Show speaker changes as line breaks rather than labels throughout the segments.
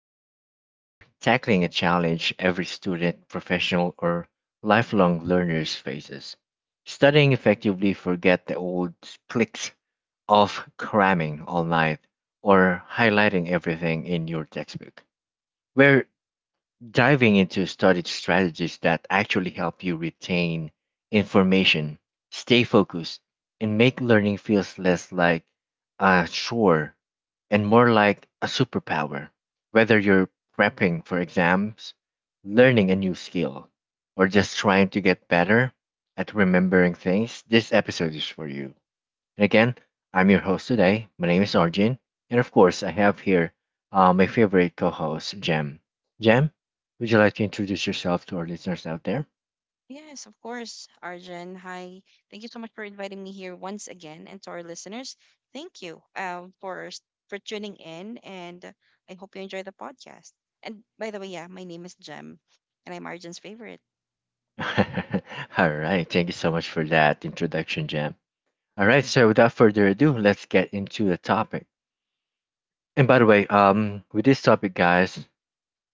Today, we're tackling a challenge every student, professional, or lifelong learners faces. Studying effectively forget the old clicks of cramming all night or highlighting everything in your textbook. We're diving into studied strategies that actually help you retain information, stay focused, and make learning feels less like a chore and more like a superpower. Whether you're prepping for exams, learning a new skill, or just trying to get better at remembering things, this episode is for you. And again, I'm your host today. My name is Arjun. And of course, I have here my favorite co host, Jem. Jem, would you like to introduce yourself to our listeners out there?
Yes, of course, Arjun. Hi. Thank you so much for inviting me here once again. And to our listeners, thank you for tuning in. And I hope you enjoy the podcast. And by the way, yeah, my name is Jem, and I'm Arjun's favorite.
All right. Thank you so much for that introduction, Jem. All right. So, without further ado, let's get into the topic. And by the way, with this topic, guys,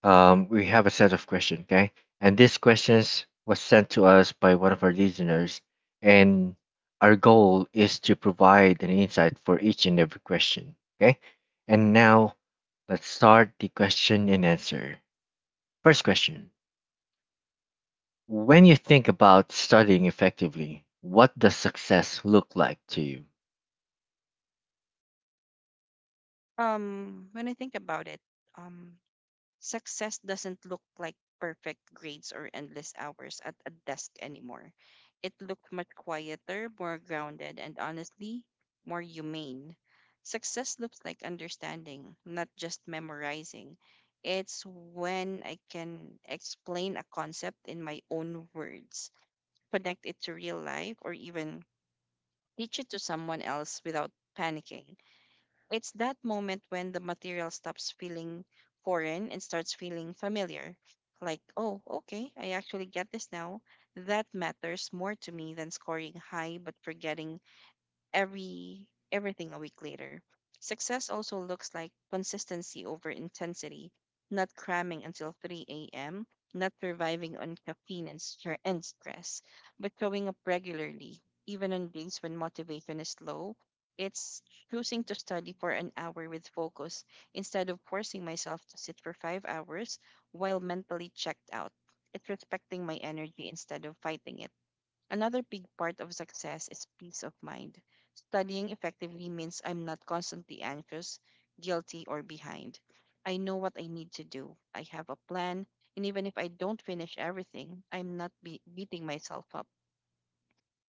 we have a set of questions, okay? And these questions was sent to us by one of our listeners, and our goal is to provide an insight for each and every question, okay? And now let's start the question and answer. First question: when you think about studying effectively, what does success look like to you?
When I think about it, um, success doesn't look like perfect grades or endless hours at a desk anymore. It looked much quieter, more grounded, and honestly, more humane. Success looks like understanding, not just memorizing. It's when I can explain a concept in my own words, connect it to real life, or even teach it to someone else without panicking. It's that moment when the material stops feeling foreign and starts feeling familiar. Like, oh, okay, I actually get this now. That matters more to me than scoring high but forgetting everything a week later. Success also looks like consistency over intensity, not cramming until 3 a.m., not surviving on caffeine and, and stress, but showing up regularly, even on days when motivation is low. It's choosing to study for an hour with focus instead of forcing myself to sit for 5 hours while mentally checked out. It's respecting my energy instead of fighting it. Another big part of success is peace of mind. Studying effectively means I'm not constantly anxious, guilty, or behind. I know what I need to do. I have a plan, and even if I don't finish everything, I'm not be- beating myself up.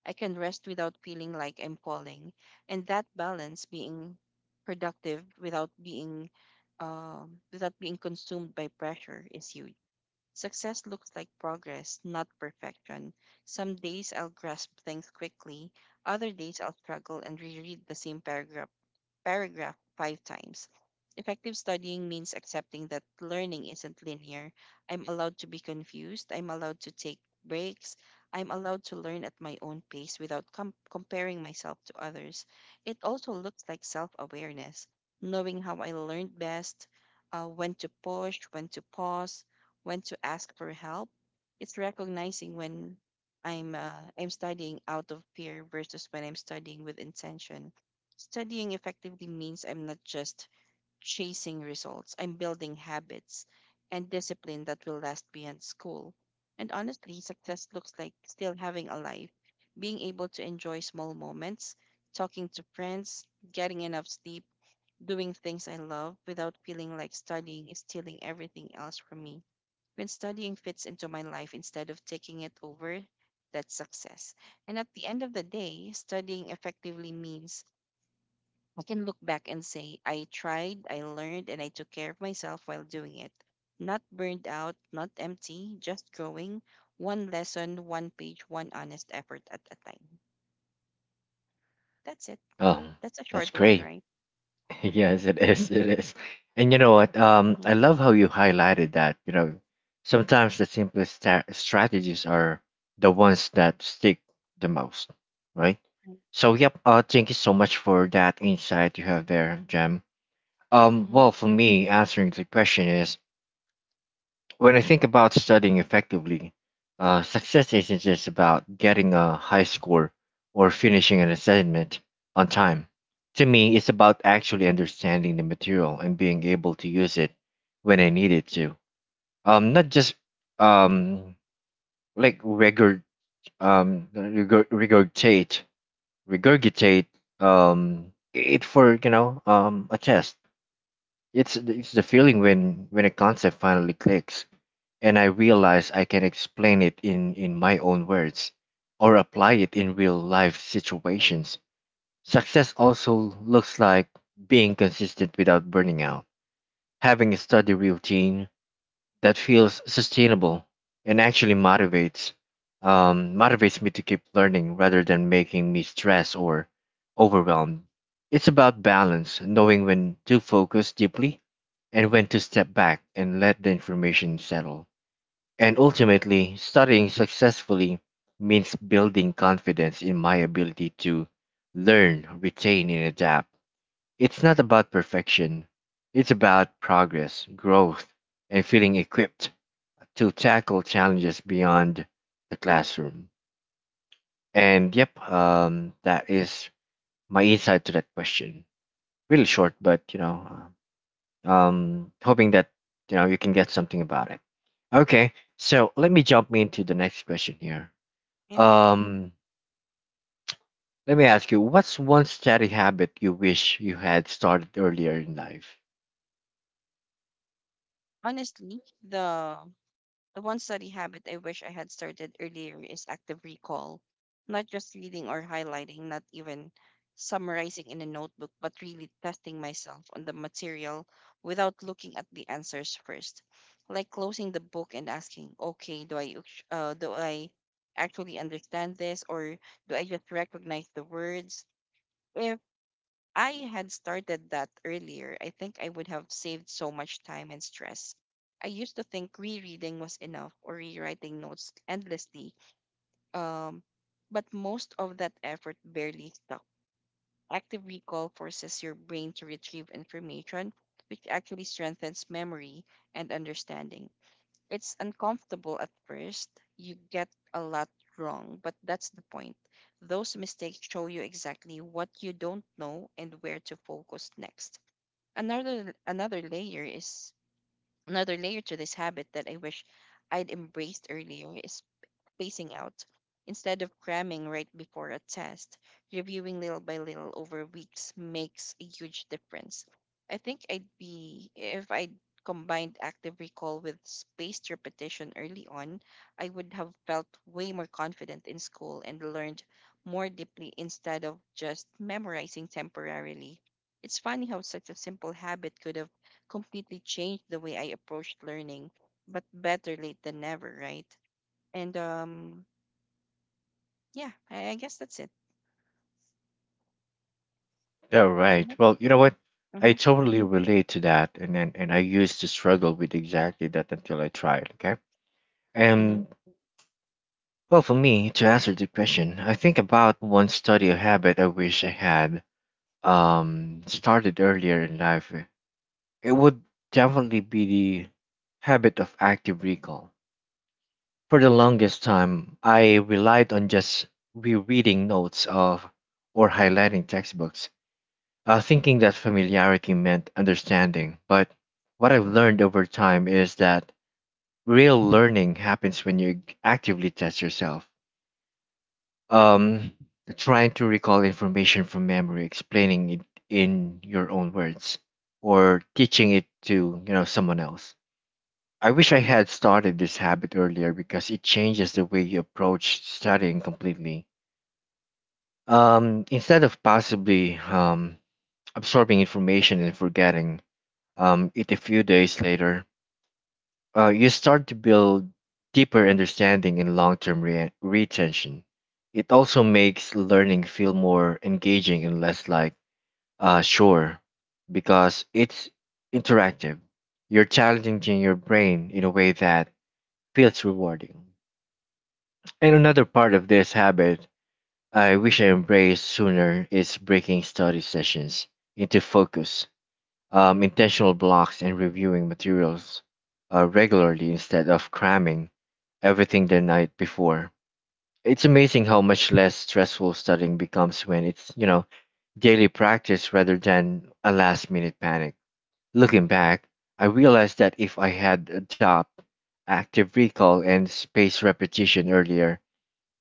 I can rest without feeling like I'm falling. And that balance, being productive without being without being consumed by pressure, is huge. Success looks like progress, not perfection. Some days I'll grasp things quickly, other days I'll struggle and reread the same paragraph five times. Effective studying means accepting that learning isn't linear. I'm allowed to be confused. I'm allowed to take breaks. I'm allowed to learn at my own pace without comparing myself to others. It also looks like self awareness, knowing how I learned best, when to push, when to pause, when to ask for help. It's recognizing when I'm studying out of fear versus when I'm studying with intention. Studying effectively means I'm not just chasing results, I'm building habits and discipline that will last beyond school. And honestly, success looks like still having a life, being able to enjoy small moments, talking to friends, getting enough sleep, doing things I love without feeling like studying is stealing everything else from me. When studying fits into my life instead of taking it over, that's success. And at the end of the day, studying effectively means I can look back and say, I tried, I learned, and I took care of myself while doing it. Not burned out, not empty, just growing, one lesson, one page, one honest effort at a time. That's it.
Oh,
That's a
that's
short one,
great.
right?
Yes, it is. It is. And you know what?
Mm-hmm.
I love how you highlighted that. You know, sometimes the simplest strategies are the ones that stick the most, right?
Right.
So, yep. Thank you so much for that insight you have there, Jem.
Mm-hmm.
Well, for me, answering the question is when I think about studying effectively, success isn't just about getting a high score or finishing an assignment on time. To me, it's about actually understanding the material and being able to use it when I need it to. Not just um, like um, regurg- regurgitate regurgitate it for a test. It's it's the feeling when a concept finally clicks, and I realize I can explain it in my own words, or apply it in real life situations. Success also looks like being consistent without burning out, having a steady routine, that feels sustainable and actually motivates motivates me to keep learning rather than making me stressed or overwhelmed. It's about balance, knowing when to focus deeply and when to step back and let the information settle. And ultimately, studying successfully means building confidence in my ability to learn, retain, and adapt. It's not about perfection, it's about progress, growth, and feeling equipped to tackle challenges beyond the classroom. And yep, that is my insight to that question. Really short, but you know, hoping that you can get something about it. Okay, so let me jump into the next question here.
Yeah.
Um, let me ask you, what's one study habit you wish you had started earlier in life?
Honestly, the The one study habit I wish I had started earlier is active recall, not just reading or highlighting, not even summarizing in a notebook, but really testing myself on the material without looking at the answers first. Like closing the book and asking, okay, do I actually understand this or do I just recognize the words? Eh, I had started that earlier, I think I would have saved so much time and stress. I used to think rereading was enough or rewriting notes endlessly, um, but most of that effort barely stuck. Active recall forces your brain to retrieve information, which actually strengthens memory and understanding. It's uncomfortable at first. You get a lot wrong, but that's the point. Those mistakes show you exactly what you don't know and where to focus next. Another another layer is another layer to this habit that I wish I'd embraced earlier is spacing out instead of cramming right before a test. Reviewing little by little over weeks makes a huge difference. I think I'd be, if I combined active recall with spaced repetition early on, I would have felt way more confident in school and learned more deeply instead of just memorizing temporarily. It's funny how such a simple habit could have completely changed the way I approached learning, but better late than never, right? And yeah, I guess that's it.
All
Are
right.
you?
Well, you know what? I
Mm-hmm.
totally relate to that, and and I used to struggle with exactly that until I tried. Okay.
Mm-hmm.
And well, for me, to answer the question, I think about one study or habit I wish I had started earlier in life. It would definitely be the habit of active recall. For the longest time, I relied on just rereading notes of or highlighting textbooks, thinking that familiarity meant understanding. But what I've learned over time is that real learning happens when you actively test yourself, um trying to recall information from memory, explaining it in your own words, or teaching it to, you know, someone else. I wish I had started this habit earlier because it changes the way you approach studying completely. Instead of possibly absorbing information and forgetting it a few days later, you start to build deeper understanding and long-term retention. It also makes learning feel more engaging and less like sure, because it's interactive. You're challenging your brain in a way that feels rewarding. And another part of this habit I wish I embraced sooner is breaking study sessions into focus intentional blocks and reviewing materials regularly instead of cramming everything the night before. It's amazing how much less stressful studying becomes when it's, you know, daily practice rather than a last minute panic. Looking back, I realized that if I had adopted active recall and spaced repetition earlier,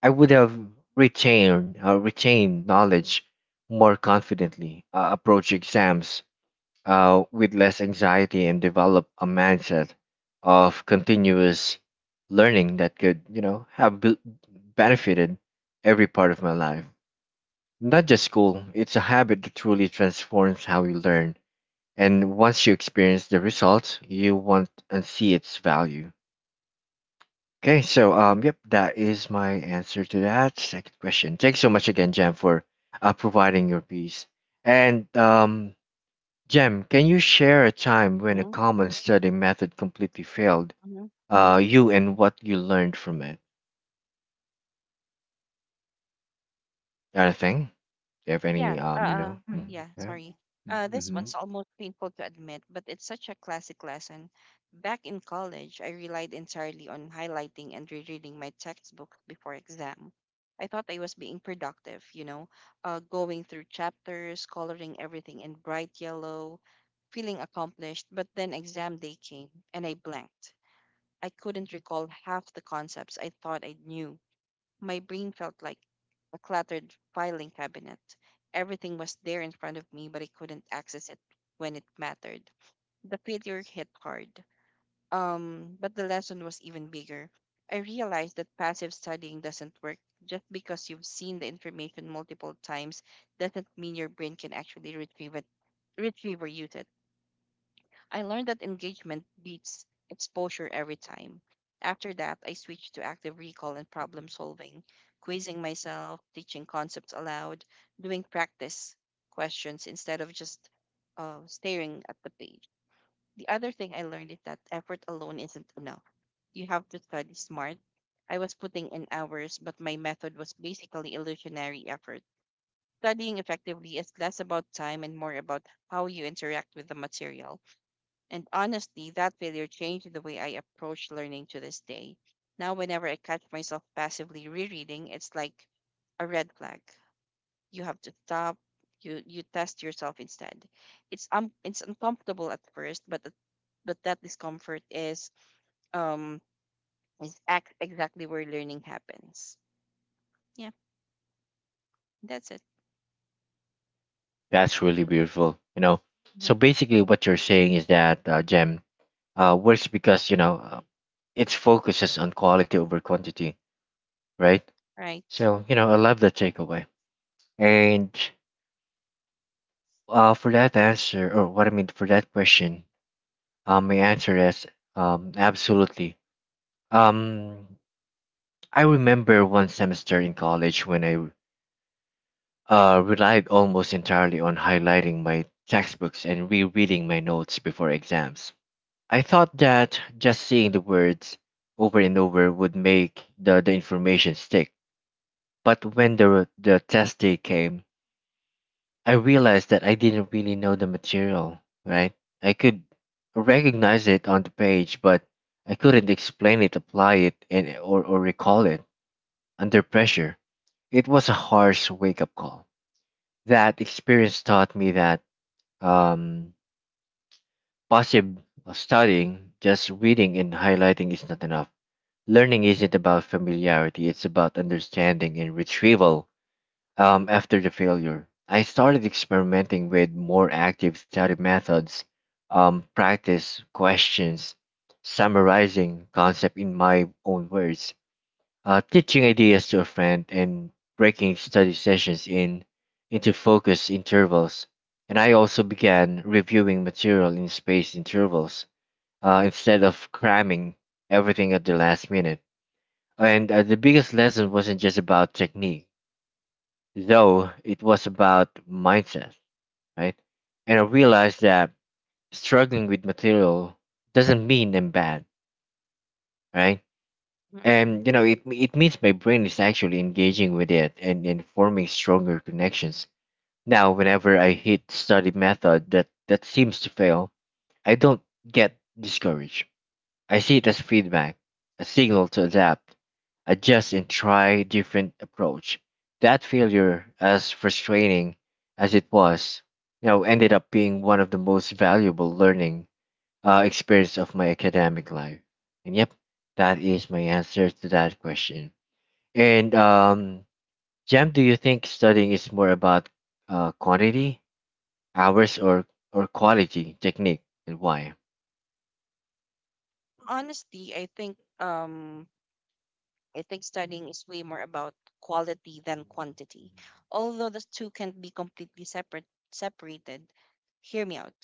I would have retained knowledge more confidently, approach exams with less anxiety and develop a mindset of continuous learning that could, you know, have benefited every part of my life. Not just school, it's a habit that truly transforms how you learn. And once you experience the results, you want and see its value. Okay, so yep, that is my answer to that second question. Thanks so much again, Jam, for providing your piece. And Jem, can you share a time when a
Mm-hmm.
common study method completely failed
Hmm.
you and what you learned from it? Anything? Do you have
Yeah.
any, you know? Mm,
Yeah.
okay.
Sorry. This
Mm-hmm.
one's almost painful to admit, but it's such a classic lesson. Back in college, I relied entirely on highlighting and rereading my textbook before exam. I thought I was being productive, you know, going through chapters, coloring everything in bright yellow, feeling accomplished. But then exam day came, and I blanked. I couldn't recall half the concepts I thought I knew. My brain felt like a cluttered filing cabinet. Everything was there in front of me, but I couldn't access it when it mattered. The failure hit hard. But the lesson was even bigger. I realized that passive studying doesn't work. Just because you've seen the information multiple times doesn't mean your brain can actually retrieve or use it. I learned that engagement beats exposure every time. After that, I switched to active recall and problem solving, quizzing myself, teaching concepts aloud, doing practice questions instead of just staring at the page. The other thing I learned is that effort alone isn't enough. You have to study smart. I was putting in hours, but my method was basically illusionary effort. Studying effectively is less about time and more about how you interact with the material. And honestly, that failure changed the way I approach learning to this day. Now, whenever I catch myself passively rereading, it's like a red flag. You have to stop. You test yourself instead. It's uncomfortable at first, but but that discomfort is um exactly where learning happens. Yeah, that's it.
That's really beautiful. You know,
Mhm.
so basically what you're saying is that, Jem, works because, you know, it focuses on quality over quantity, right?
Right.
So, you know, I love that takeaway. And for that answer, or what I mean for that question, my answer is absolutely. Um, I remember one semester in college when I relied almost entirely on highlighting my textbooks and rereading my notes before exams. I thought that just seeing the words over and over would make the information stick. But when the test day came, I realized that I didn't really know the material, right? I could recognize it on the page, but I couldn't explain it, apply it, or recall it under pressure. It was a harsh wake up call. That experience taught me that um, passive studying, just reading and highlighting, is not enough. Learning isn't about familiarity, it's about understanding and retrieval. After the failure, I started experimenting with more active study methods, practice questions, summarizing concept in my own words, teaching ideas to a friend, and breaking study sessions in into focus intervals. And I also began reviewing material in spaced intervals instead of cramming everything at the last minute. And the biggest lesson wasn't just about technique, though it was about mindset, right? And I realized that struggling with material doesn't mean I'm bad, right?
Mhm.
And you know, it means my brain is actually engaging with it, and forming stronger connections. Now whenever I hit study method that seems to fail, I don't get discouraged. I see it as feedback, a signal to adapt, adjust and try different approach. That failure as frustrating as it was, you know, ended up being one of the most valuable learning experience of my academic life. And yep, that is my answer to that question. And Jam, do you think studying is more about quantity, hours, or quality, technique, and why?
Honestly, I think studying is way more about quality than quantity, although the two can't be completely separated. Hear me out.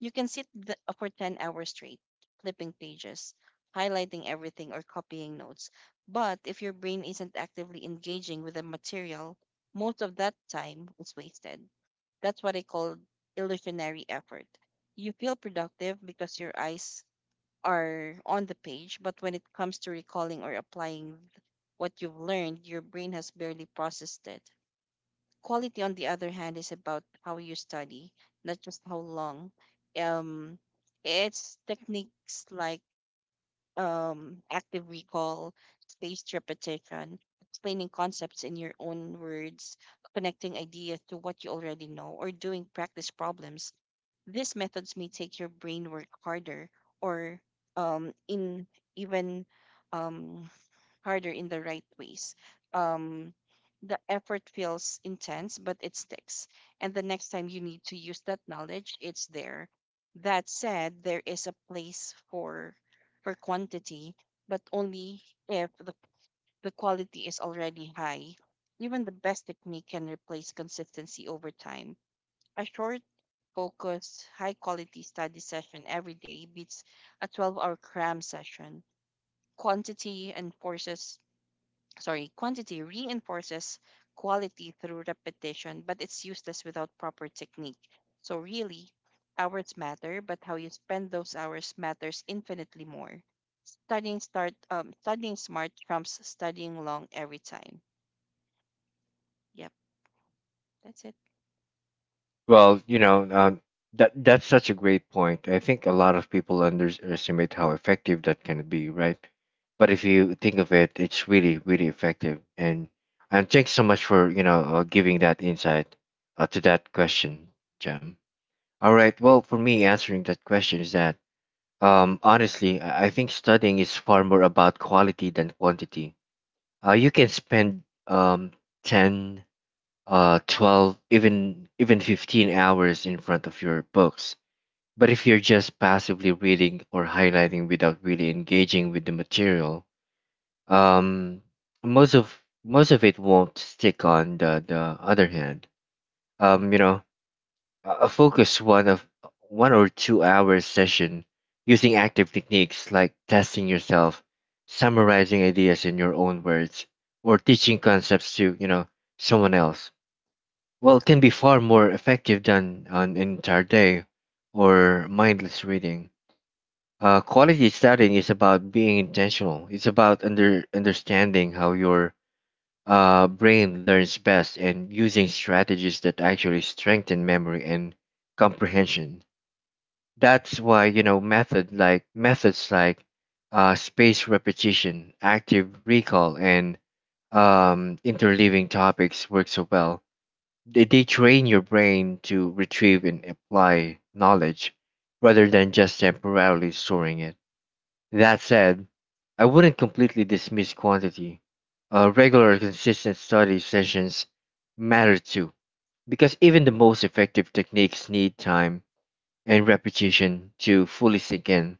You can sit for 10 hours straight, flipping pages, highlighting everything, or copying notes. But if your brain isn't actively engaging with the material, most of that time is wasted. That's what I call illusionary effort. You feel productive because your eyes are on the page, but when it comes to recalling or what you've learned, your brain has barely processed it. Quality, on the other hand, is about how you study, not just how long. Um, it's techniques like active recall, spaced repetition, explaining concepts in your own words, connecting ideas to what you already know, or doing practice problems. These methods may take your brain work or um, in even um, harder in the right ways. Um, the effort feels intense, but it sticks. And the next time you need to use that knowledge, it's there. That said, there is a place for quantity, but only if the quality is already high. Even the best technique can replace consistency over time. A short, focused, high quality study session every day beats a 12-hour cram session. quantity enforces Quantity reinforces quality through repetition, but it's useless without proper technique. So, really, hours matter, but how you spend those hours matters infinitely more. Studying smart trumps studying long every time. Yep, that's it.
Well, you know, that's such a great point. I think a lot of people underestimate how effective that can be, right? But if you think of it, it's really, really effective. And thanks so much for, you know, giving that insight to that question, Jam. All right. Well, for me, answering that question is that honestly, I think studying is far more about quality than quantity. You can spend 10, 12, even 15 hours in front of your books. But if you're just passively reading or highlighting without really engaging with the material, um, most of it won't stick. On the other hand, you know, a focus one of one or two-hour session, using active techniques like testing yourself, summarizing ideas in your own words, or teaching concepts to, you know, someone else. Well, can be far more effective than an entire day or mindless reading. Quality studying is about being intentional. It's about understanding how your brain learns best and using strategies that actually strengthen memory and comprehension. That's why, you know, methods like space repetition, active recall, and interleaving topics work so well. They train your brain to retrieve and apply knowledge rather than just temporarily storing it. That said, I wouldn't completely dismiss quantity. Regular, consistent study sessions matter too, because even the most effective techniques need time and reputation to fully sink in.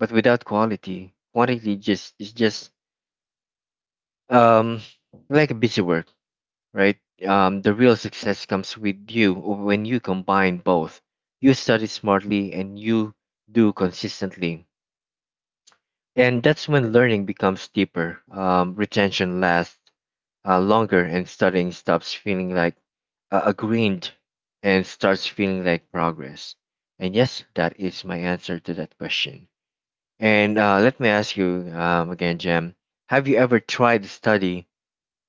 But without quality, quantity just is just um like a busy work, right? The real success comes with you when you combine both. You study smartly and you do consistently, and that's when learning becomes deeper. Retention lasts longer, and studying stops feeling like a grind and starts feeling like progress. And yes, that is my answer to that question. And Let me ask you, again, Jem, have you ever tried to study?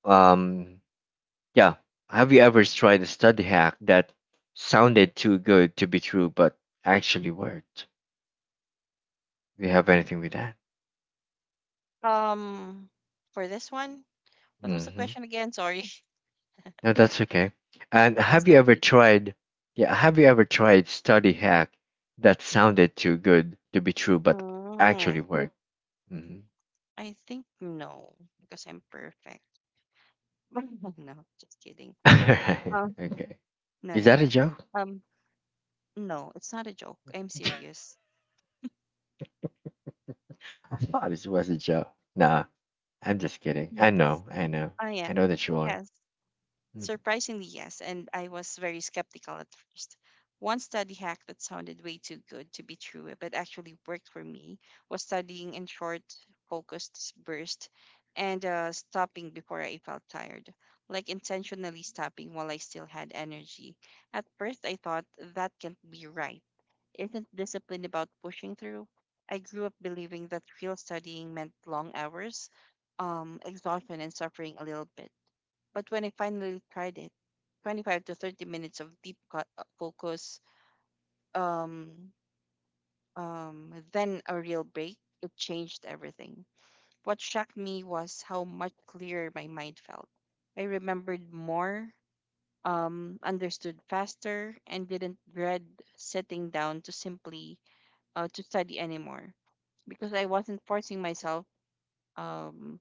Um, yeah, have you ever tried a study hack that sounded too good to be true but actually worked? Do you have anything with that?
Um, for this one, what was the
Mm-hmm.
question again? Sorry,
No, that's okay. And
I was
have you
so
ever
busy.
tried? Yeah, have you ever tried study hack that sounded too good to be true but
Mm,
actually worked? Mm-hmm.
I think no, because I'm perfect. No, just kidding. Uh,
Okay.
no,
Is
no,
that a
no.
joke?
Um, no, it's not a joke. I'm serious.
I thought it was a joke. Nah. I'm just kidding. I
Yes.
know, I know,
Oh,
I
yeah.
know that you are.
Yes.
Mhm.
Surprisingly, yes, and I was very skeptical at first. One study hack that sounded way too good to be true, but actually worked for me, was studying in short, focused bursts and stopping before I felt tired, like intentionally stopping while I still had energy. At first, I thought that can't be right. Isn't discipline about pushing through? I grew up believing that real studying meant long hours, exhaustion, and suffering a little bit. But when I finally tried it, 25 to 30 minutes of deep focus, um, then a real break, it changed everything. What shocked me was how much clearer my mind felt. I remembered more, understood faster, and didn't dread sitting down to simply to study anymore because I wasn't forcing myself Um,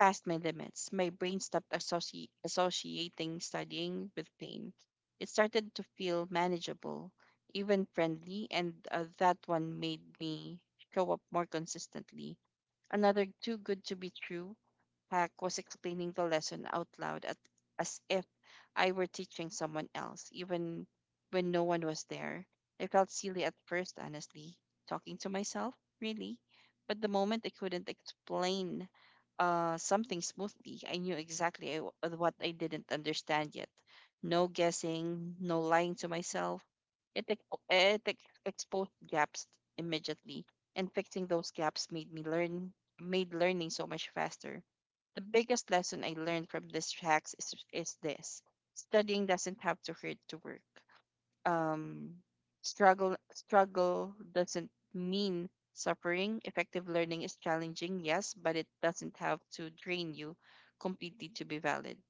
past my limits. My brain stopped associating studying with pain. It started to feel manageable, even friendly, and that one made me show up more consistently. Another too good to be true hack was explaining the lesson out loud, at, as if I were teaching someone else, even when no one was there. I felt silly at first, honestly, talking to myself, really. But the moment I couldn't explain something smoothly, I knew exactly what I didn't understand yet. No guessing, no lying to myself. It exposed gaps immediately, and fixing those gaps made learning so much faster. The biggest lesson I learned from this hacks is this: studying doesn't have to hurt to work. Um, struggle doesn't mean suffering. Effective learning is challenging, yes, but it doesn't have to drain you completely to be valid.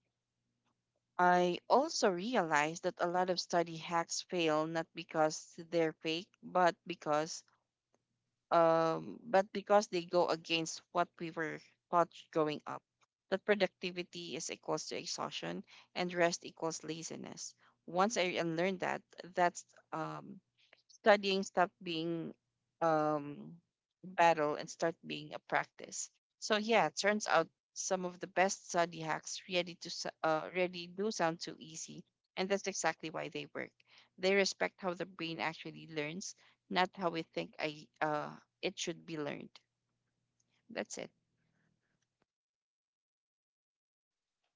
I also realized that a lot of study hacks fail not because they're fake, but because they go against what we were taught growing up. That productivity is equals to exhaustion and rest equals laziness. Once I unlearned that, that's um, studying stopped being um battle and start being a practice. So yeah, it turns out some of the best study hacks really do sound too easy, and that's exactly why they work. They respect how the brain actually learns, not how we think I it should be learned. That's it.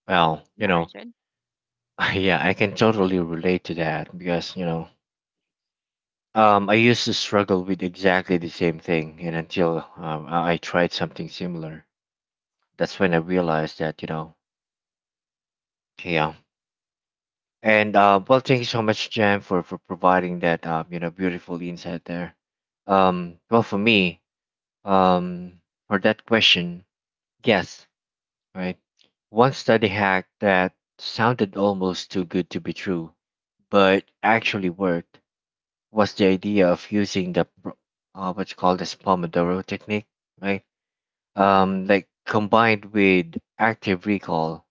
Well, you
Yeah,
know,
Arjun.
yeah, I can totally relate to that because you know, I used to struggle with exactly the same thing, and until I tried something similar, that's when I realized that you know, yeah. And Well, thank you so much, Jam, for providing that you know beautiful insight there. Well, for me, um, for that question, yes, right? One study hack that sounded almost too good to be true, but actually worked, was the idea of using what you call this Pomodoro technique, right?
Hmm,
Like combined with active recall.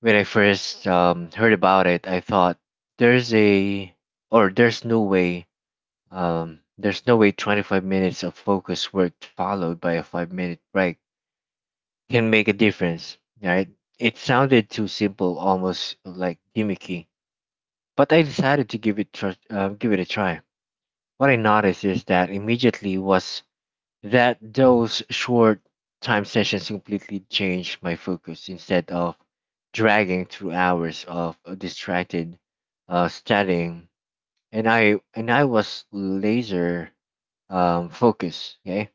When I first heard about it, I thought there's a or there's no way 25 minutes of focus work followed by a 5-minute break can make a difference, right? It sounded too simple, almost like gimmicky, but I decided to give it a try. What I noticed is that immediately was that those short time sessions completely changed my focus instead of dragging through hours of distracted studying, and I was laser focus. Okay,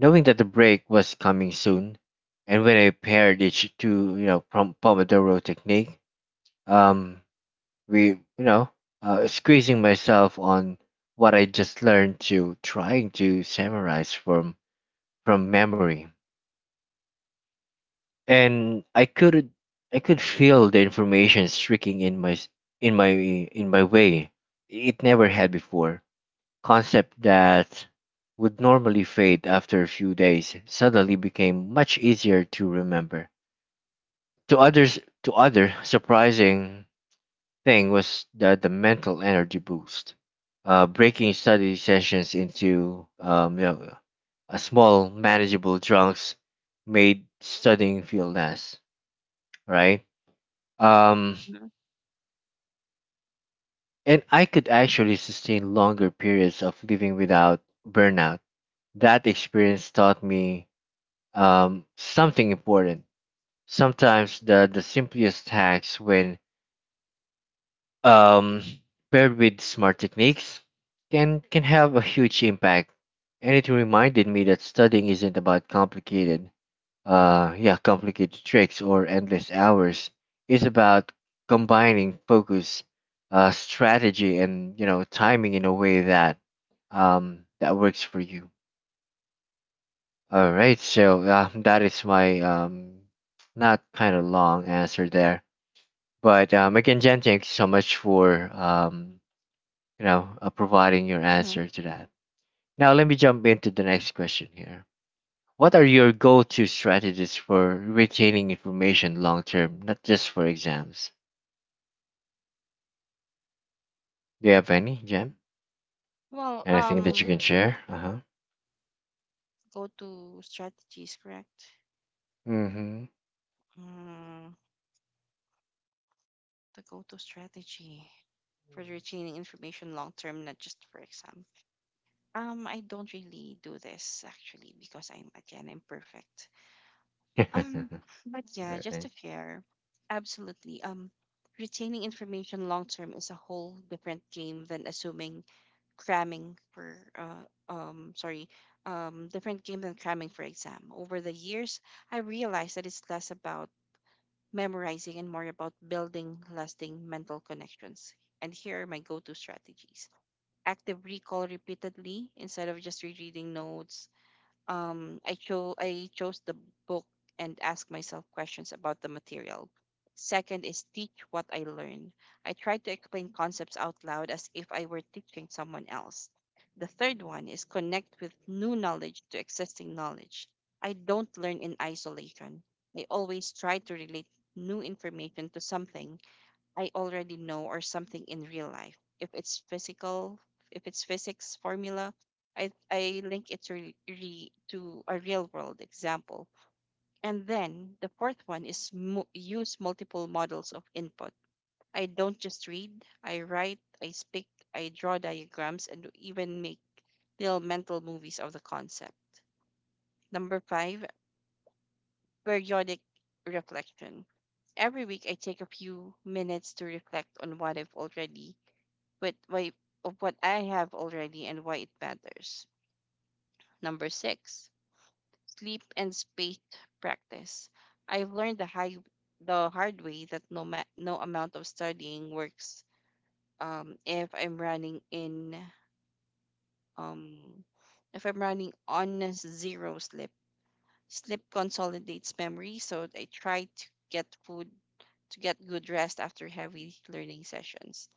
knowing that the break was coming soon, and when I paired it to you know Pomodoro technique, um, we you know squeezing myself on what I just learned to trying to summarize from memory, and I could feel the information streaking in my s- in my way. It never had before. Concepts that would normally fade after a few days suddenly became much easier to remember. To others, to other surprising thing was the mental energy boost. Breaking study sessions into you know, a small manageable chunks made studying feel less right. Um,
hmm,
and I could actually sustain longer periods of living without burnout. That experience taught me something important. Sometimes the simplest hacks, when um, paired with smart techniques, can have a huge impact. And it reminded me that studying isn't about complicated, yeah, complicated tricks or endless hours. It's about combining focus, strategy, and you know timing in a way that that works for you. All right, so that is my not kind of long answer there, but again, Jen, thank you so much for you know providing your
hmm.
answer to that. Now let me jump into the next question here. What are your go-to strategies for retaining information long term, not just for exams? Do you have any, Jen?
Well,
Anything that you can share? Uh huh.
go to strategies, correct?
Mm-hmm.
Mm. The go-to strategy for retaining information long term, not just for exam. I don't really do this actually because I'm again imperfect.
All
Um, but yeah, just
right.
to share, absolutely. Retaining information long term is a whole different game than assuming cramming for sorry different game than cramming for exam. Over the years, I realized that it's less about memorizing, and more about building lasting mental connections. And here are my go to strategies: active recall repeatedly instead of just rereading notes, I chose the book and ask myself questions about the material. Second is teach what I learn. I try to explain concepts out loud as if I were teaching someone else. The third one is connect with new knowledge to existing knowledge. I don't learn in isolation. I always try to relate new information to something I already know or something in real life. If it's physical, if it's physics formula, I link it to, to a real world example. And then the fourth one is use multiple models of input. I don't just read, I write, I speak, I draw diagrams, and even make little mental movies of the concept. Number five, periodic reflection. Every week, I take a few minutes to reflect on what I've already with why, of what I have already and why it matters. Number six, sleep and space practice. I've learned the hard way that no amount of studying works. Um, if I'm running in, um, if I'm running on a zero sleep. Sleep consolidates memory. So I try to get food to get good rest after heavy learning sessions.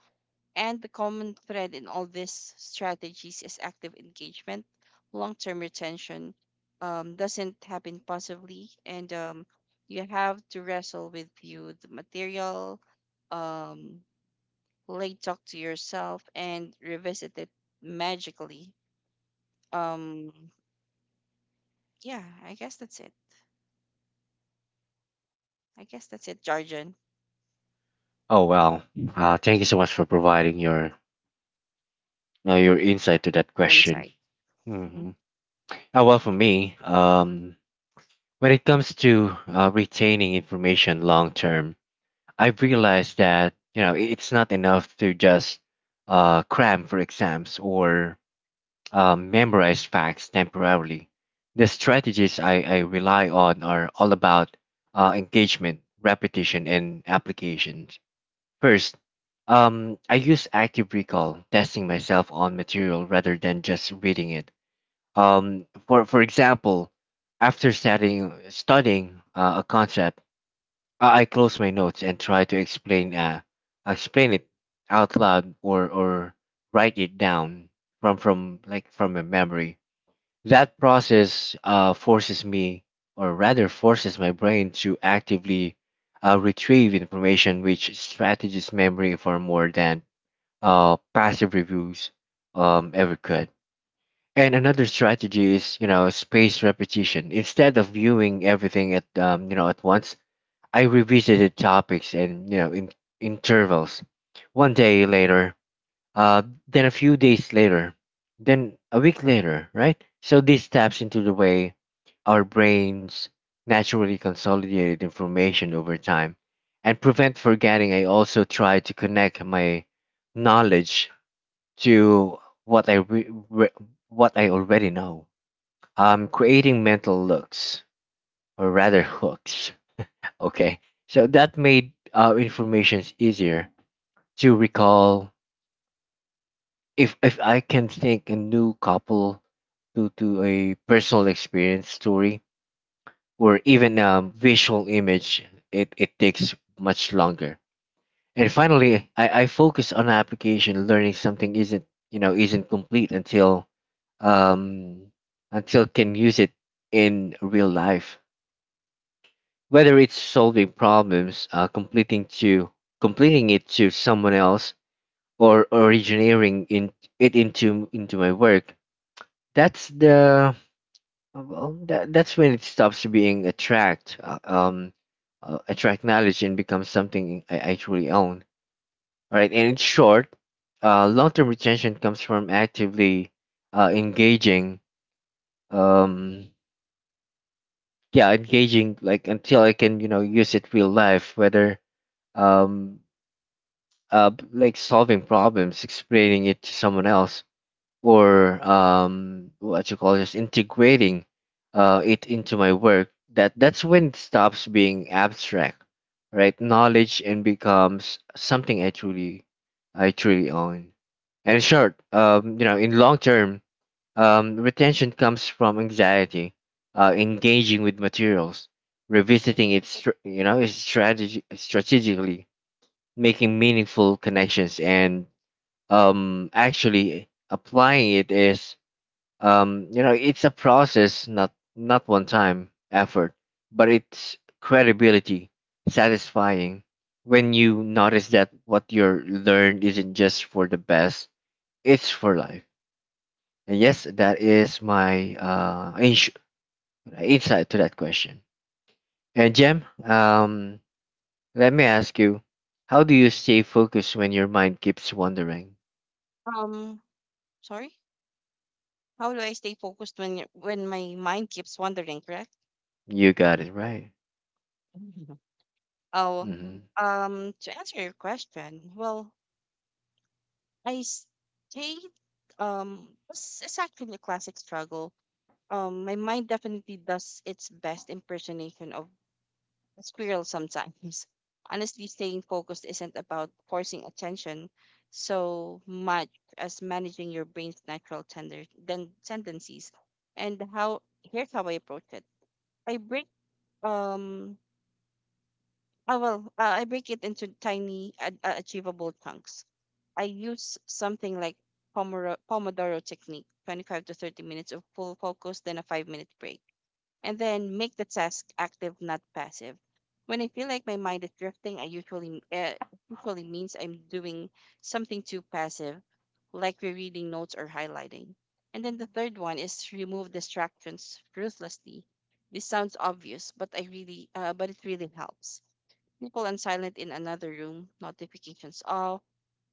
And the common thread in all these strategies is active engagement. Long term retention doesn't happen passively, and you have to wrestle with you the material, um, late talk to yourself, and revisit it magically. Um, yeah, I guess that's it. I guess that's it, Jarjan.
Oh well. Thank you so much for providing your insight to that question.
Insight. Mhm.
Hmm. Well, for me, when it comes to retaining information long term, I've realized that you know it's not enough to just cram for exams or memorize facts temporarily. The strategies I rely on are all about engagement, repetition, and applications. First, I use active recall, testing myself on material rather than just reading it. For example, after studying a concept, I close my notes and try to explain explain it out loud or write it down from a memory. That process forces me, or rather forces my brain to actively retrieve information, which strategies memory for more than passive reviews ever could. And another strategy is, you know, spaced repetition. Instead of viewing everything at, you know, at once, I revisited topics and, you know, in intervals. One day later, then a few days later, then a week later, right? So this taps into the way our brains naturally consolidate information over time and prevent forgetting. I also try to connect my knowledge to what I re- re- what I already know. Creating mental looks, or rather hooks. Okay, so that made information easier to recall. If I can think a new couple to a personal experience story or even a visual image, it takes much longer. And finally, I focus on application. Learning something isn't you know isn't complete um, until can use it in real life. Whether it's solving problems, completing it to someone else, or originating in it into my work. That's the well, that, that's when it stops being a tract knowledge and becomes something I actually own. All right, and in short, long term retention comes from actively uh, engaging. Um, yeah engaging like until I can you know use it real life whether um like solving problems explaining it to someone else or what you call this integrating it into my work, that's when it stops being abstract, right, knowledge and becomes something I truly own. And in short, you know in long term retention comes from anxiety, engaging with materials, you know its strategy strategically, making meaningful connections, and actually applying it is you know it's a process, not one time effort, but it's credibility, satisfying when you notice that what you're learned isn't just for the best, it's for life. And yes, that is my insight to that question. And Jem, let me ask you, how do you stay focused when your mind keeps wandering?
Um, sorry. How do I stay focused when my mind keeps wandering? Correct.
You got it right.
Oh,
Hmm.
to answer your question, well, I stayed, it's actually a classic struggle. My mind definitely does its best impersonation of a squirrel sometimes. Honestly, staying focused isn't about forcing attention so much as managing your brain's natural tender then tendencies. Here's how I approach it. I break, um, I break it into tiny, achievable chunks. I use something like Pomodoro technique, 25 to 30 minutes of full focus, then a 5-minute break, and then make the task active, not passive. When I feel like my mind is drifting, I usually usually means I'm doing something too passive, like rereading notes or highlighting. And then the third one is remove distractions ruthlessly. This sounds obvious, but but it really helps people and silent in another room, notifications off,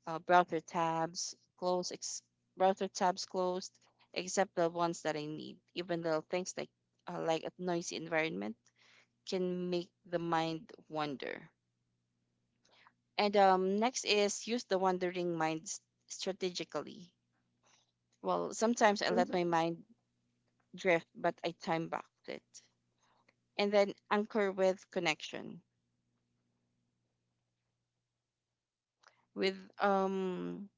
uh, browser tabs closed, ex- browser tabs closed, except the ones that I need. Even little things like a noisy environment can make the mind wander. And next is use the wandering mind strategically. Well, sometimes I let my mind drift, but I time back it. And then anchor with connection with um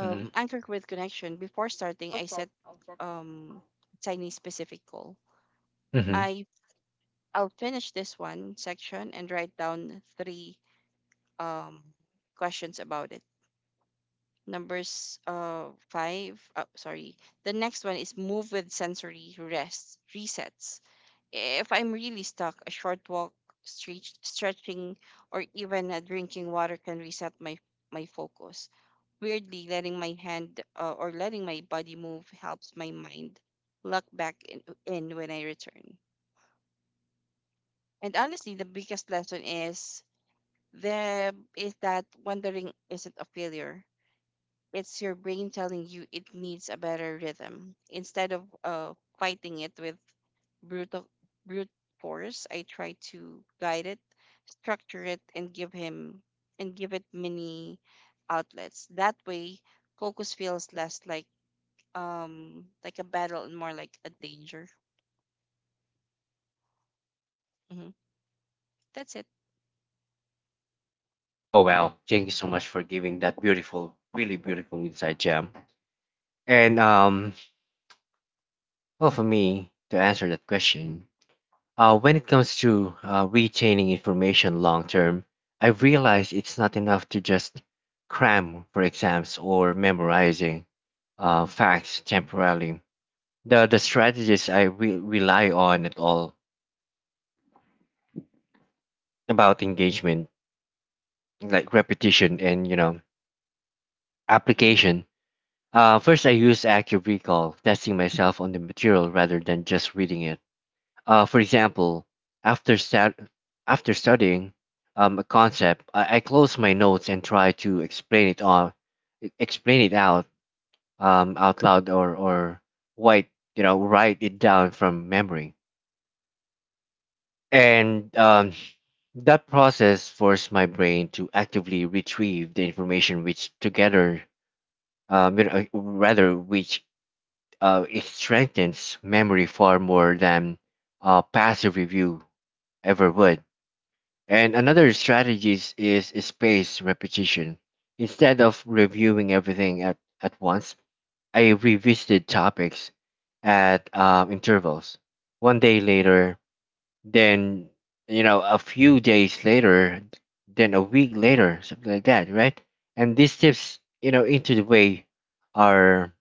Hmm.
anchored with connection. Before starting, I set um, tiny specific goal.
Hmm.
I I'll finish this one section and write down three um, questions about it. Numbers five. Oh, sorry. The next one is move with sensory rest resets. If I'm really stuck, a short walk, stretching, or even a drinking water can reset my focus. Weirdly, letting my body move helps my mind lock back in when I return. And honestly, the biggest lesson is that wandering isn't a failure. It's your brain telling you it needs a better rhythm. Instead of fighting it with brutal brute force, I try to guide it, structure it, and give him and give it many outlets. That way, focus feels less like a battle and more like a danger. Hmm. That's it.
Oh wow! Thank you so much for giving that beautiful, really beautiful insight, Jem. And well, for me to answer that question, uh, when it comes to retaining information long term, I've realized it's not enough to just cram for exams or memorizing facts temporarily. The strategies rely on at all about engagement, like repetition and you know
Hmm.
application. First, I use active recall, testing myself on the material rather than just reading it. For example, after stud- after studying a concept, I close my notes and try to explain it explain it out out loud or write you know write it down from memory. And that process forced my brain to actively retrieve the information, you know, rather which it strengthens memory far more than passive review ever would. And another strategy is spaced repetition. Instead of reviewing everything at once, I revisited topics at intervals. One day later, then, you know, a few days later, then a week later, something like that, right? And these tips, you know, into the way our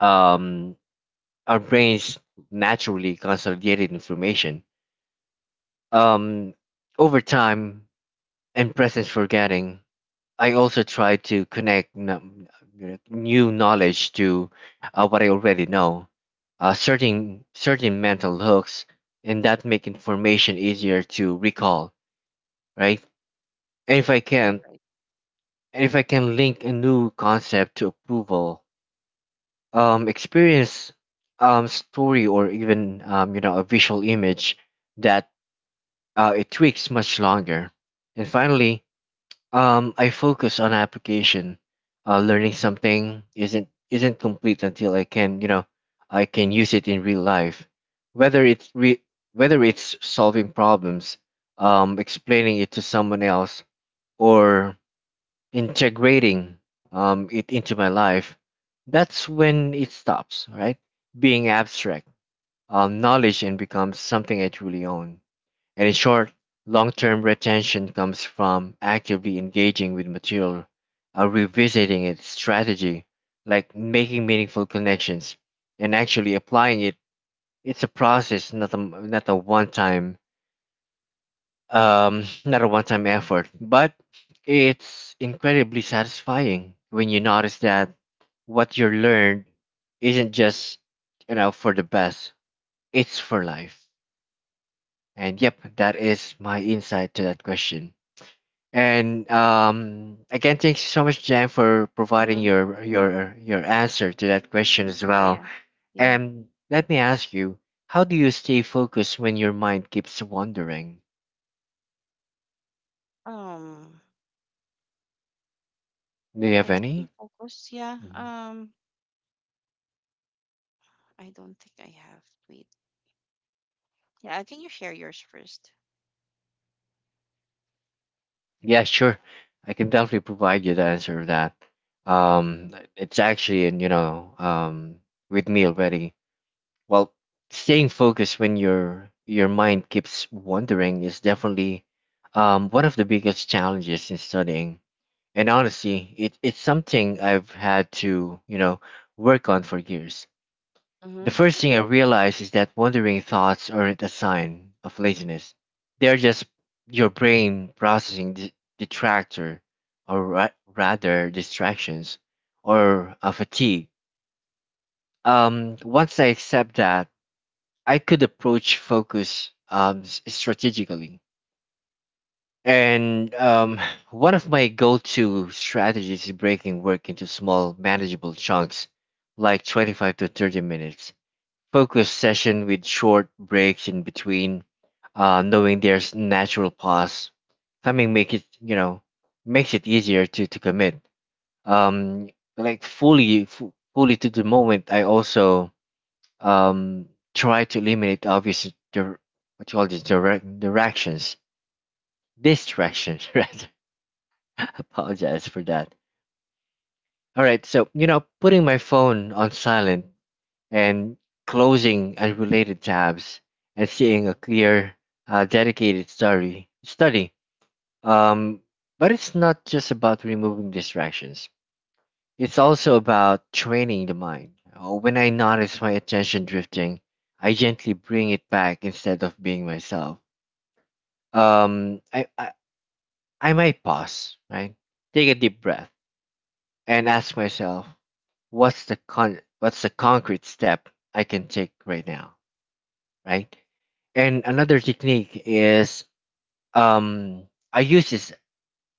um our brains naturally consolidated information Um over time and presence forgetting. I also try to connect you know, new knowledge to what I already know, certain mental hooks, and that make information easier to recall, right? And if I
Right,
can,
right.
and if I can link a new concept to approval, experience, story, or even you know, a visual image, that it tweaks much longer. And finally, um, I focus on application. Learning something isn't complete until I can, you know, I can use it in real life. Whether it's re- whether it's solving problems, explaining it to someone else, or integrating it into my life, that's when it stops, right? Being abstract knowledge and becomes something I truly own. And in short, long term retention comes from actively engaging with material, revisiting its strategy, like making meaningful connections, and actually applying it. It's a process, not a one time not a one time effort, but it's incredibly satisfying when you notice that
Hmm.
what you learned isn't just you know for the best, it's for life. And yep, that is my insight to that question. And again, thanks so much, Jan, for providing
Hmm.
your your answer to that question as
Yeah,
well.
yeah, yeah.
And let me ask you, how do you stay focused when your mind keeps wandering?
Um,
Do you have
I stay
any?
focused. Yeah.
Mhm.
I don't think I have. Wait. Yeah. Can you share yours first?
Yeah, sure. I can definitely provide you the answer to that. It's actually in with me already. Well, staying focused when your mind keeps wandering is definitely one of the biggest challenges in studying. And honestly, it's something I've had to, work on for years. The
Mm-hmm.
first thing I realized is that wandering thoughts aren't a sign of laziness. They're just your brain processing detractor or ra- rather distractions or a fatigue. Once I accept that, I could approach focus strategically. And One of my go to strategies is breaking work into small, manageable chunks, like 25 to 30 minutes. Focus session with short breaks in between, knowing there's natural pause. Timing make it, makes it easier to commit. Um, like fully to the moment, I also um, try to eliminate obvious, dir- what you call this, direct, directions, distractions, right? Apologize for that. All right, so you know, putting my phone on silent and closing unrelated tabs and seeing a clear, dedicated study. Um, but it's not just about removing distractions. It's also about training the mind. When I notice my attention drifting, I gently bring it back instead of being myself. Um, I I, I might pause, right? Take a deep breath and ask myself what's the concrete step I can take right now, right? And another technique is um I use this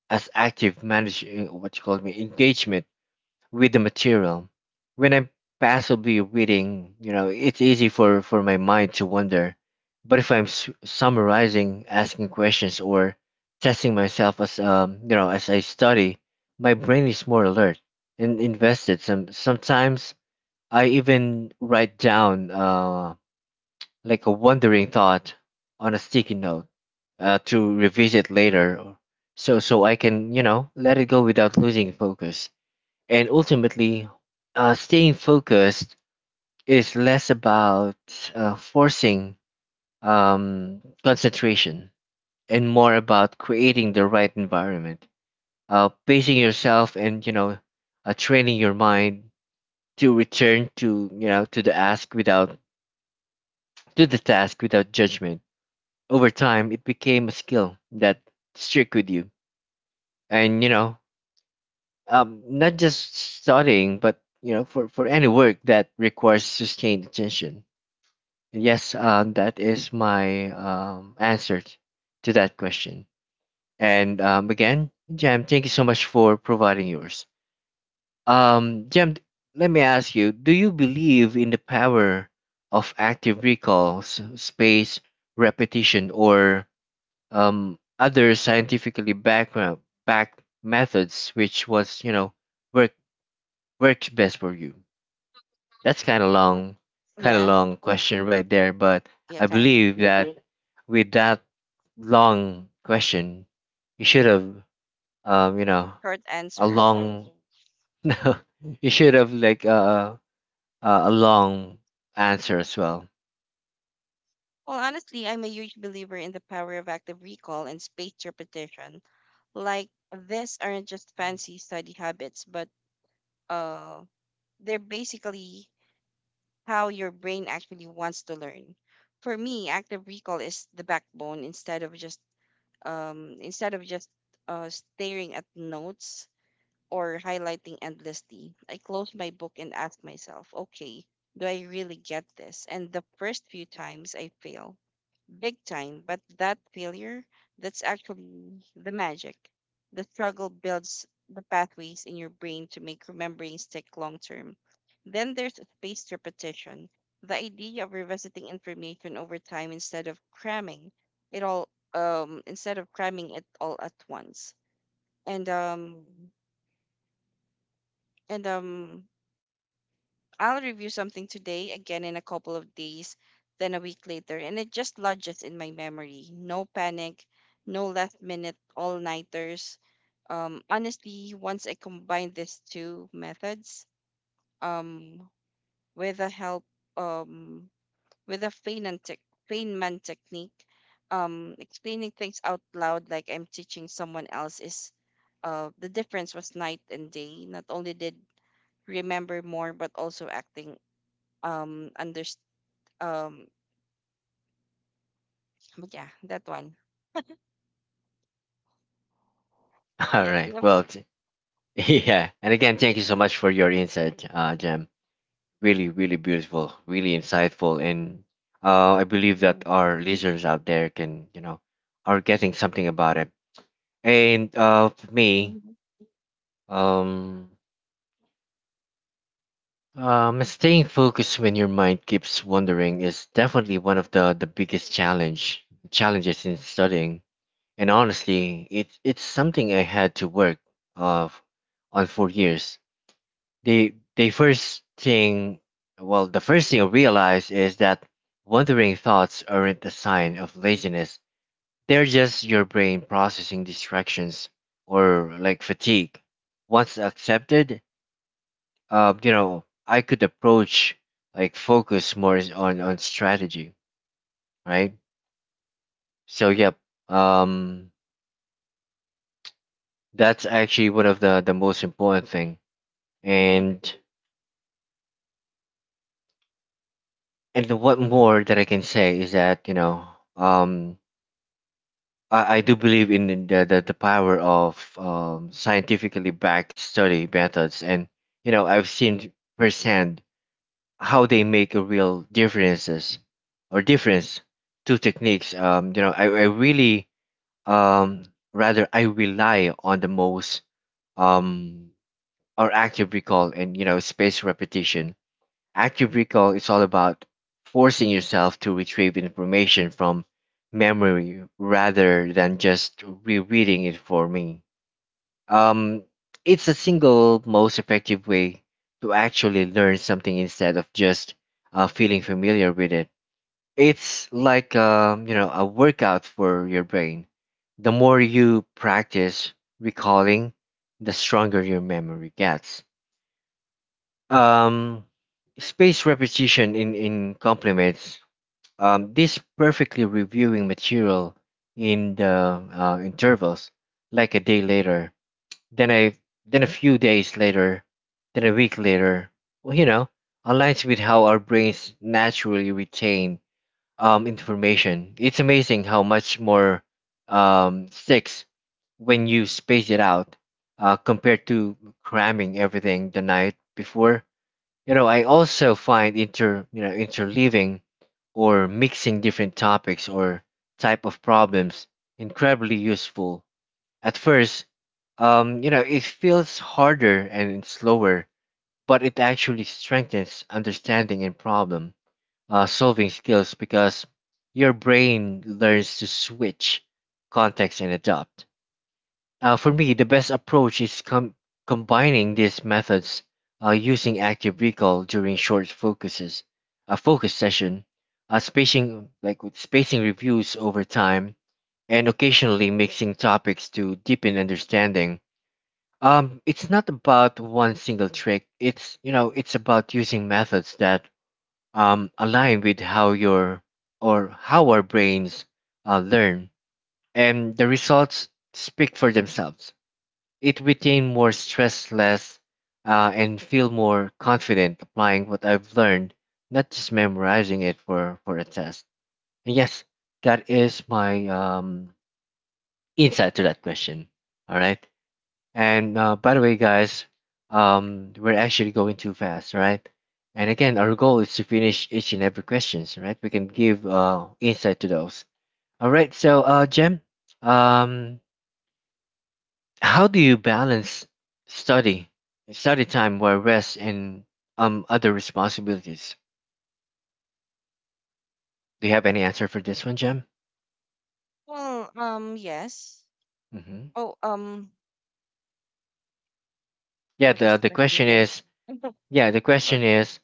as active manage what you call me engagement with the material. When I'm passively reading, you know, it's easy for my mind to wander. But if I'm summarizing, asking questions, or testing myself as as I study, my brain is more alert and invested. Sometimes I even write down like a wandering thought on a sticky note, to revisit later, so I can, you know, let it go without losing focus. And ultimately, staying focused is less about forcing concentration and more about creating the right environment, pacing yourself, and you know, training your mind to return to you know to the ask without do the task without judgment. Over time, it became a skill that stick with you. And you know, not just studying, but you know, for any work that requires sustained attention. And yes, that is my answer to that question. And again, Jam, thank you so much for providing yours. Jam, let me ask you: do you believe in the power of active recalls, space repetition, or other scientifically background back methods, which was, you know, work works best for you. That's kind of
Yeah.
long question right there, but
Yeah.
I
Kind of
believe that with that long question, you should have um you know
short
a
answer.
long no, you should have like a long answer as well.
Well, honestly, I'm a huge believer in the power of active recall and spaced repetition. Like, these aren't just fancy study habits, but uh, they're basically how your brain actually wants to learn. For me, active recall is the backbone instead of just staring at notes or highlighting endlessly. I close my book and ask myself, okay, do I really get this? And the first few times I fail, big time, but that failure, that's actually the magic. The struggle builds the pathways in your brain to make remembering stick long term. Then there's spaced repetition, the idea of revisiting information over time it all instead of cramming it all at once. And um and I'll review something today, again in a couple of days, then a week later, and it just lodges in my memory. No panic, no last minute all nighters. Honestly, once I combine these two methods, um, with the help, um, with the Feynman technique, explaining things out loud like I'm teaching someone else is, the difference was night and day. Not only did remember more, but also acting underst um but yeah, that one.
All
Yeah, do
right,
you have?
well, yeah, and again, thank you so much for your insight, Jem. Really really beautiful, really insightful, and I believe that
Mhm,
our listeners out there can, you know, are getting something about it. And for me,
mhm,
um, staying focused when your mind keeps wandering is definitely one of the biggest challenges in studying. And honestly, it's something I had to work, uh, on for years. the the first thing the first thing I realize is that wandering thoughts aren't a sign of laziness. They're just your brain processing distractions or like fatigue. Once accepted, you know, I could approach like focus more is on strategy, right? So yep, um that's actually one of the most important thing.
mhm.
And and what more that I can say is that you know, um I do believe in the power of scientifically backed study methods, and you know I've seen firsthand how they make a real difference to techniques. You know, I really um, rather I rely on the most, um, or active recall and you know space repetition. Active recall is all about forcing yourself to retrieve information from memory rather than just rereading it for me. Um, it's the single most effective way to actually learn something instead of just feeling familiar with it. It's like, you know, a workout for your brain. The more you practice recalling, the stronger your memory gets. um, Space repetition in complements, this perfectly reviewing material in the intervals, like a day later, then a then a few days later, then a week later, well, you know, aligns with how our brains naturally retain information. It's amazing how much more sticks when you space it out, compared to cramming everything the night before. You know, I also find interleaving or mixing different topics or type of problems incredibly useful. At first, you know, it feels harder and slower, but it actually strengthens understanding and problem solving skills because your brain learns to switch context and adapt. For me, the best approach is combining these methods, using active recall during short focus session, spacing like with spacing reviews over time, and occasionally mixing topics to deepen understanding. It's not about one single trick. It's, you know, it's about using methods that align with how your or how our brains learn, and the results speak for themselves. It became more stressless, and feel more confident applying what I've learned, not just memorizing it for a test. And yes, that is my insight to that question. All right. And by the way, guys, we're actually going too fast, right? And again, our goal is to finish each and every questions, right? We can give insight to those. All right. So, Jem, um, how do you balance study, study time where rest and other responsibilities? Do you have any answer for this one, Jem?
Well, yes.
hmm
Oh,
Yeah.
what was the
The
question
question
again?
is, yeah, the
Sorry.
question is,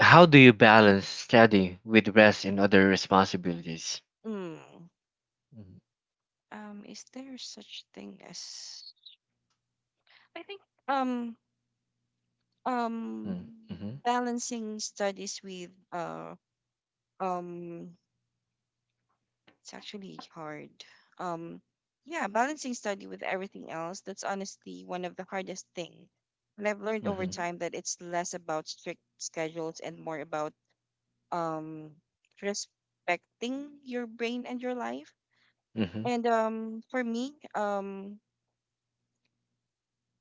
how do you balance study with rest and other responsibilities?
mm,
Mm-hmm.
is there such thing as I think, um um
Mm-hmm.
balancing studies with um it's actually hard. Um, yeah, balancing study with everything else, that's honestly one of the hardest thing. And I've learned over
Mm-hmm.
time that it's less about strict schedules and more about um respecting your brain and your life.
Mm-hmm.
And um for me, um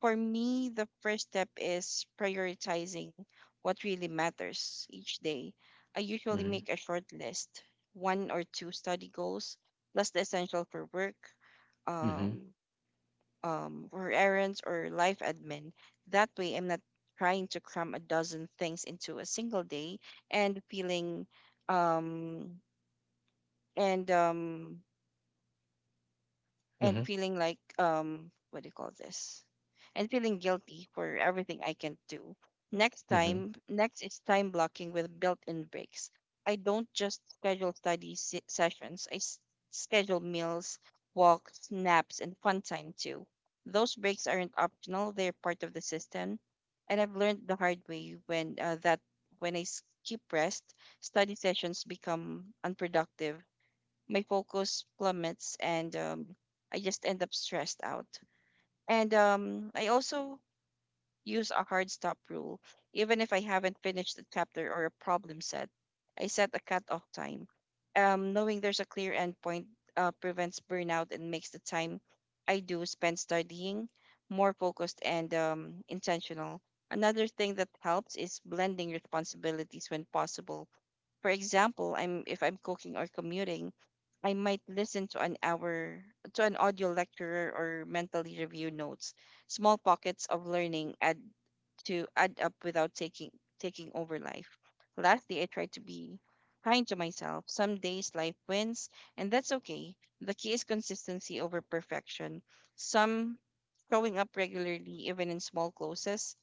For me, the first step is prioritizing what really matters each day. I usually
Mm-hmm.
make a short list, one or two study goals, plus the essential for work,
Mm-hmm.
um, for errands, or life admin. That way, I'm not trying to cram a dozen things into a single day and feeling um, and um, and
Mm-hmm.
feeling like what do you call this and feeling guilty for everything I can do next
Mm-hmm.
time. Next is time blocking with built-in breaks. I don't just schedule sessions, I schedule meals, walks, naps, and fun time too. Those breaks aren't optional, they're part of the system. And I've learned the hard way when that when I skip rest, study sessions become unproductive. My focus plummets and I just end up stressed out. And I also use a hard stop rule. Even if I haven't finished a chapter or a problem set, I set a cut-off time. Knowing there's a clear endpoint prevents burnout and makes the time I do spend studying more focused and intentional. Another thing that helps is blending responsibilities when possible. For example, I'm if I'm cooking or commuting, I might listen to an audio lecturer or mentally review notes. Small pockets of learning add up without taking over life. Lastly, I try to be kind to myself. Some days life wins, and that's okay. The key is consistency over perfection. Some showing up regularly, even in small closes,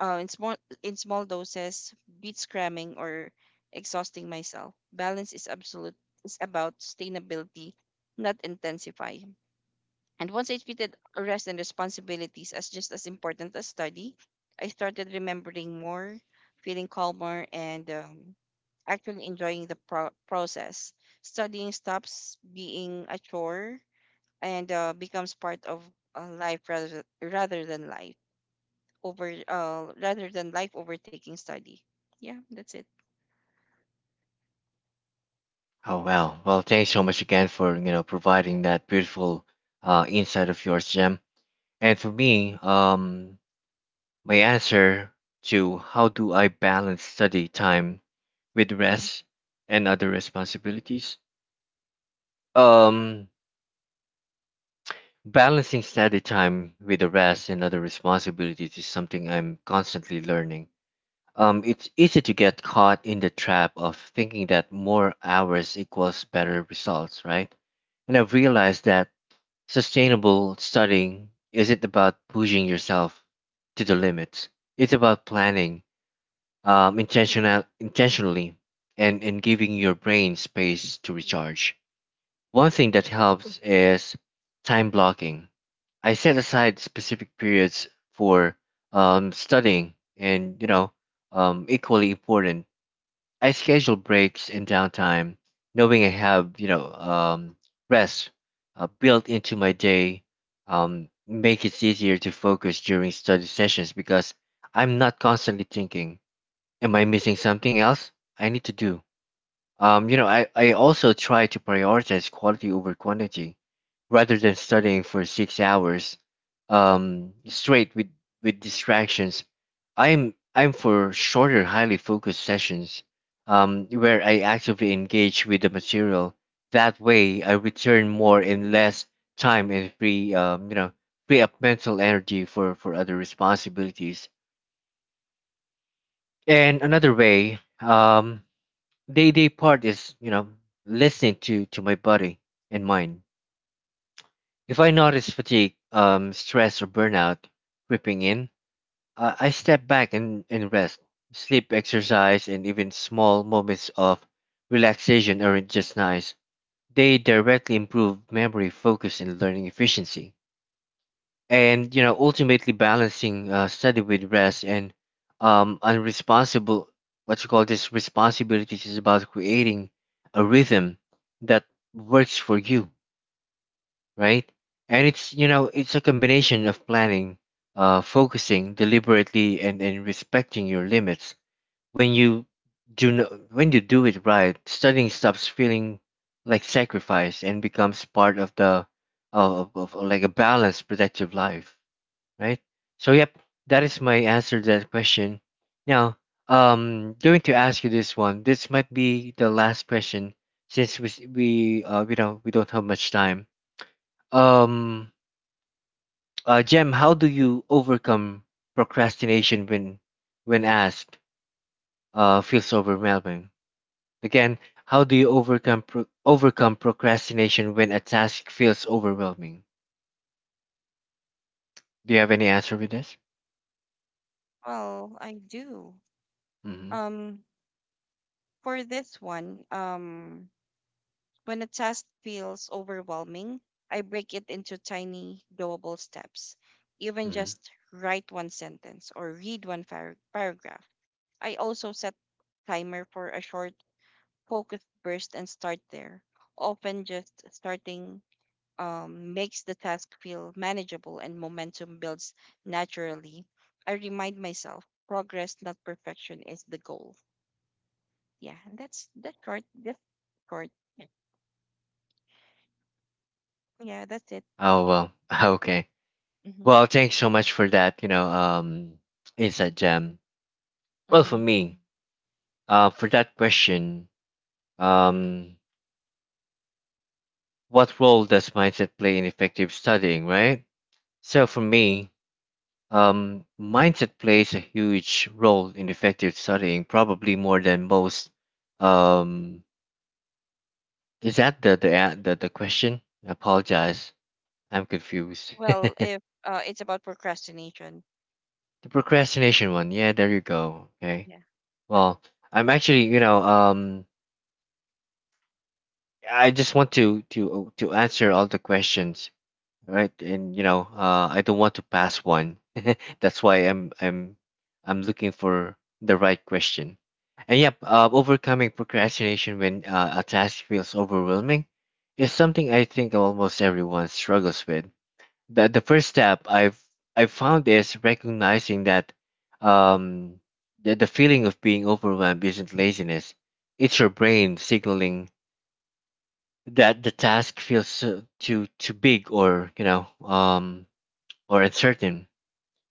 uh, in small in small doses beats cramming or exhausting myself. Balance is about sustainability, not intensify. And once I treated rest and responsibilities as just as important as study, I started remembering more, feeling calmer, and actually enjoying the process. Studying stops being a chore and becomes part of life rather rather than life over rather than life overtaking study. Yeah, that's it.
Oh wow! Well, thanks so much again for, you know, providing that beautiful, insight of yours, Jem. And for me, my answer to how do I balance study time with
Hmm.
rest and other responsibilities? Um, Balancing study time with the rest and other responsibilities is something I'm constantly learning. It's easy to get caught in the trap of thinking that more hours equals better results, right? And I've realized that sustainable studying isn't about pushing yourself to the limits. It's about planning, intentionally and in giving your brain space to recharge. One thing that helps is time blocking. I set aside specific periods for studying, and you know, equally important, I schedule breaks and downtime, knowing I have, you know, rest, built into my day. Make it easier to focus during study sessions because I'm not constantly thinking am I missing something else I need to do? You know, I also try to prioritize quality over quantity rather than studying for 6 hours straight with distractions. I'm for shorter, highly focused sessions where I actively engage with the material. That way, I return more in less time and free, free up mental energy for other responsibilities. And another way, day part is, you know, listening to my body and mind. If I notice fatigue, stress or burnout creeping in, I step back and rest. Sleep, exercise, and even small moments of relaxation aren't just nice. They directly improve memory, focus, and learning efficiency. And you know, ultimately balancing, study with rest and unresponsible what you call this responsibilities is about creating a rhythm that works for you, right? And it's, you know, it's a combination of planning, focusing deliberately, and respecting your limits. When you do no, when you do it right, studying stops feeling like sacrifice and becomes part of the of like a balanced productive life, right? So yep, that is my answer to that question. Now, going to ask you this one. This might be the last question since we s- we don't have much time. Um, Jem, how do you overcome procrastination when asked feels overwhelming? Again, how do you overcome procrastination when a task feels overwhelming? Do you have any answer with this?
Well, I do.
Mm-hmm.
Um, for this one, when a task feels overwhelming, I break it into tiny, doable steps. Even
Mm-hmm.
just write one sentence or read one paragraph. I also set timer for a short focus burst and start there. Often just starting makes the task feel manageable and momentum builds naturally. I remind myself progress, not perfection, is the goal. Yeah, and that's short. That's short. Yeah, that's it.
Oh well, okay.
Hmm.
Well, thanks so much for that, you know, insight gem. Well, for
Hmm.
me, for that question, um, what role does mindset play in effective studying, right? So for me, mindset plays a huge role in effective studying, probably more than most. Um, is that the question? I apologize, I'm confused.
Well, if it's about procrastination,
The procrastination one, yeah, there you go.
yeah.
Okay. Well, I'm actually, you know, I just want to answer all the questions, right? And you know, I don't want to pass one. That's why I'm looking for the right question. And yep, overcoming procrastination when a task feels overwhelming is something I think almost everyone struggles with. The first step I found is recognizing that um the feeling of being overwhelmed isn't laziness. It's your brain signaling that the task feels too big, or or uncertain.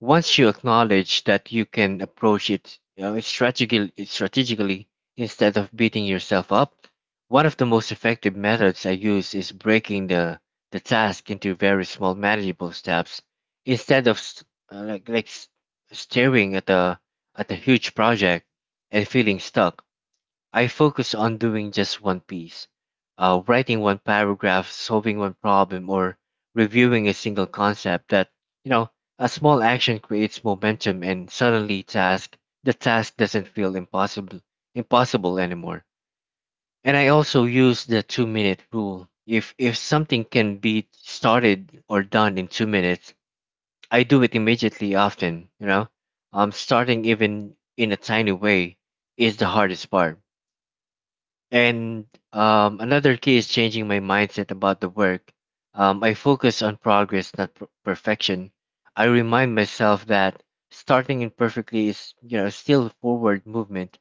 Once you acknowledge that, you can approach it, you know, strategically, instead of beating yourself up. One of the most effective methods I use is breaking the task into very small, manageable steps. Instead of s- uh, like like s- staring at a huge project and feeling stuck, I focus on doing just one piece, writing one paragraph, solving one problem, or reviewing a single concept. You know, a small action creates momentum, and suddenly task the task doesn't feel impossible anymore. And I also use the 2 minute rule. If something can be started or done in 2 minutes, I do it immediately. Often, you know, starting even in a tiny way is the hardest part. And another key is changing my mindset about the work. I focus on progress, not perfection. I remind myself that starting imperfectly is, you know, still forward movement,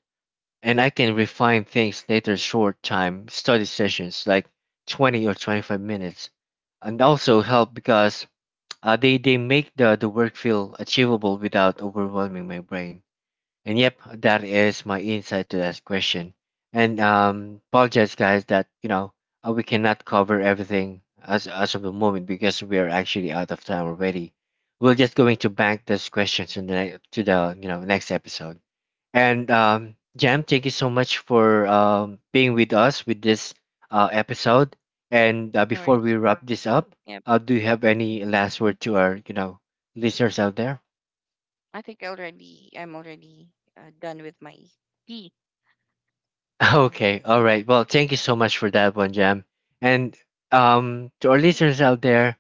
and I can refine things later. Short time study sessions, like 20 or 25 minutes, and also help because they make the work feel achievable without overwhelming my brain. And yep, that is my insight to that question. And apologize, guys, that you know we cannot cover everything as of the moment because we are actually out of time already. We're just going to bank those questions in the ne- to the you know next episode. And Jam, thank you so much for being with us with this episode. And
No
before
worries.
we wrap this up,
Yep,
do you have any last word to our, you know, listeners out there?
I think already I'm already done with my tea. Uh-huh.
Okay, all right. Well, thank you so much for that one, Jam. And to our listeners out there,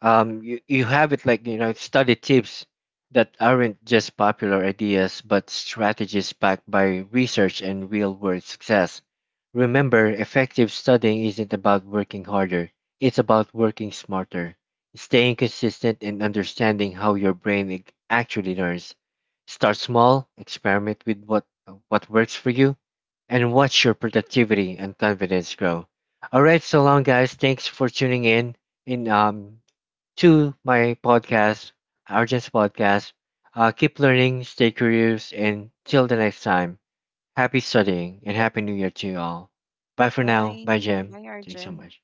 you, you have it, like, you know, study tips that aren't just popular ideas but strategies backed by research and real world success. Remember, effective studying isn't about working harder, it's about working smarter, staying consistent, and understanding how your brain actually learns. Start small, experiment with what works for you, and watch your productivity and confidence grow. All right, so long, guys, thanks for tuning in, and to my podcast, Arjun's podcast. Keep learning, stay curious, and till the next time, happy studying and happy new year to you all. Bye for now.
Bye,
Bye, Jim.
bye,
Thanks so
Arjun.
much.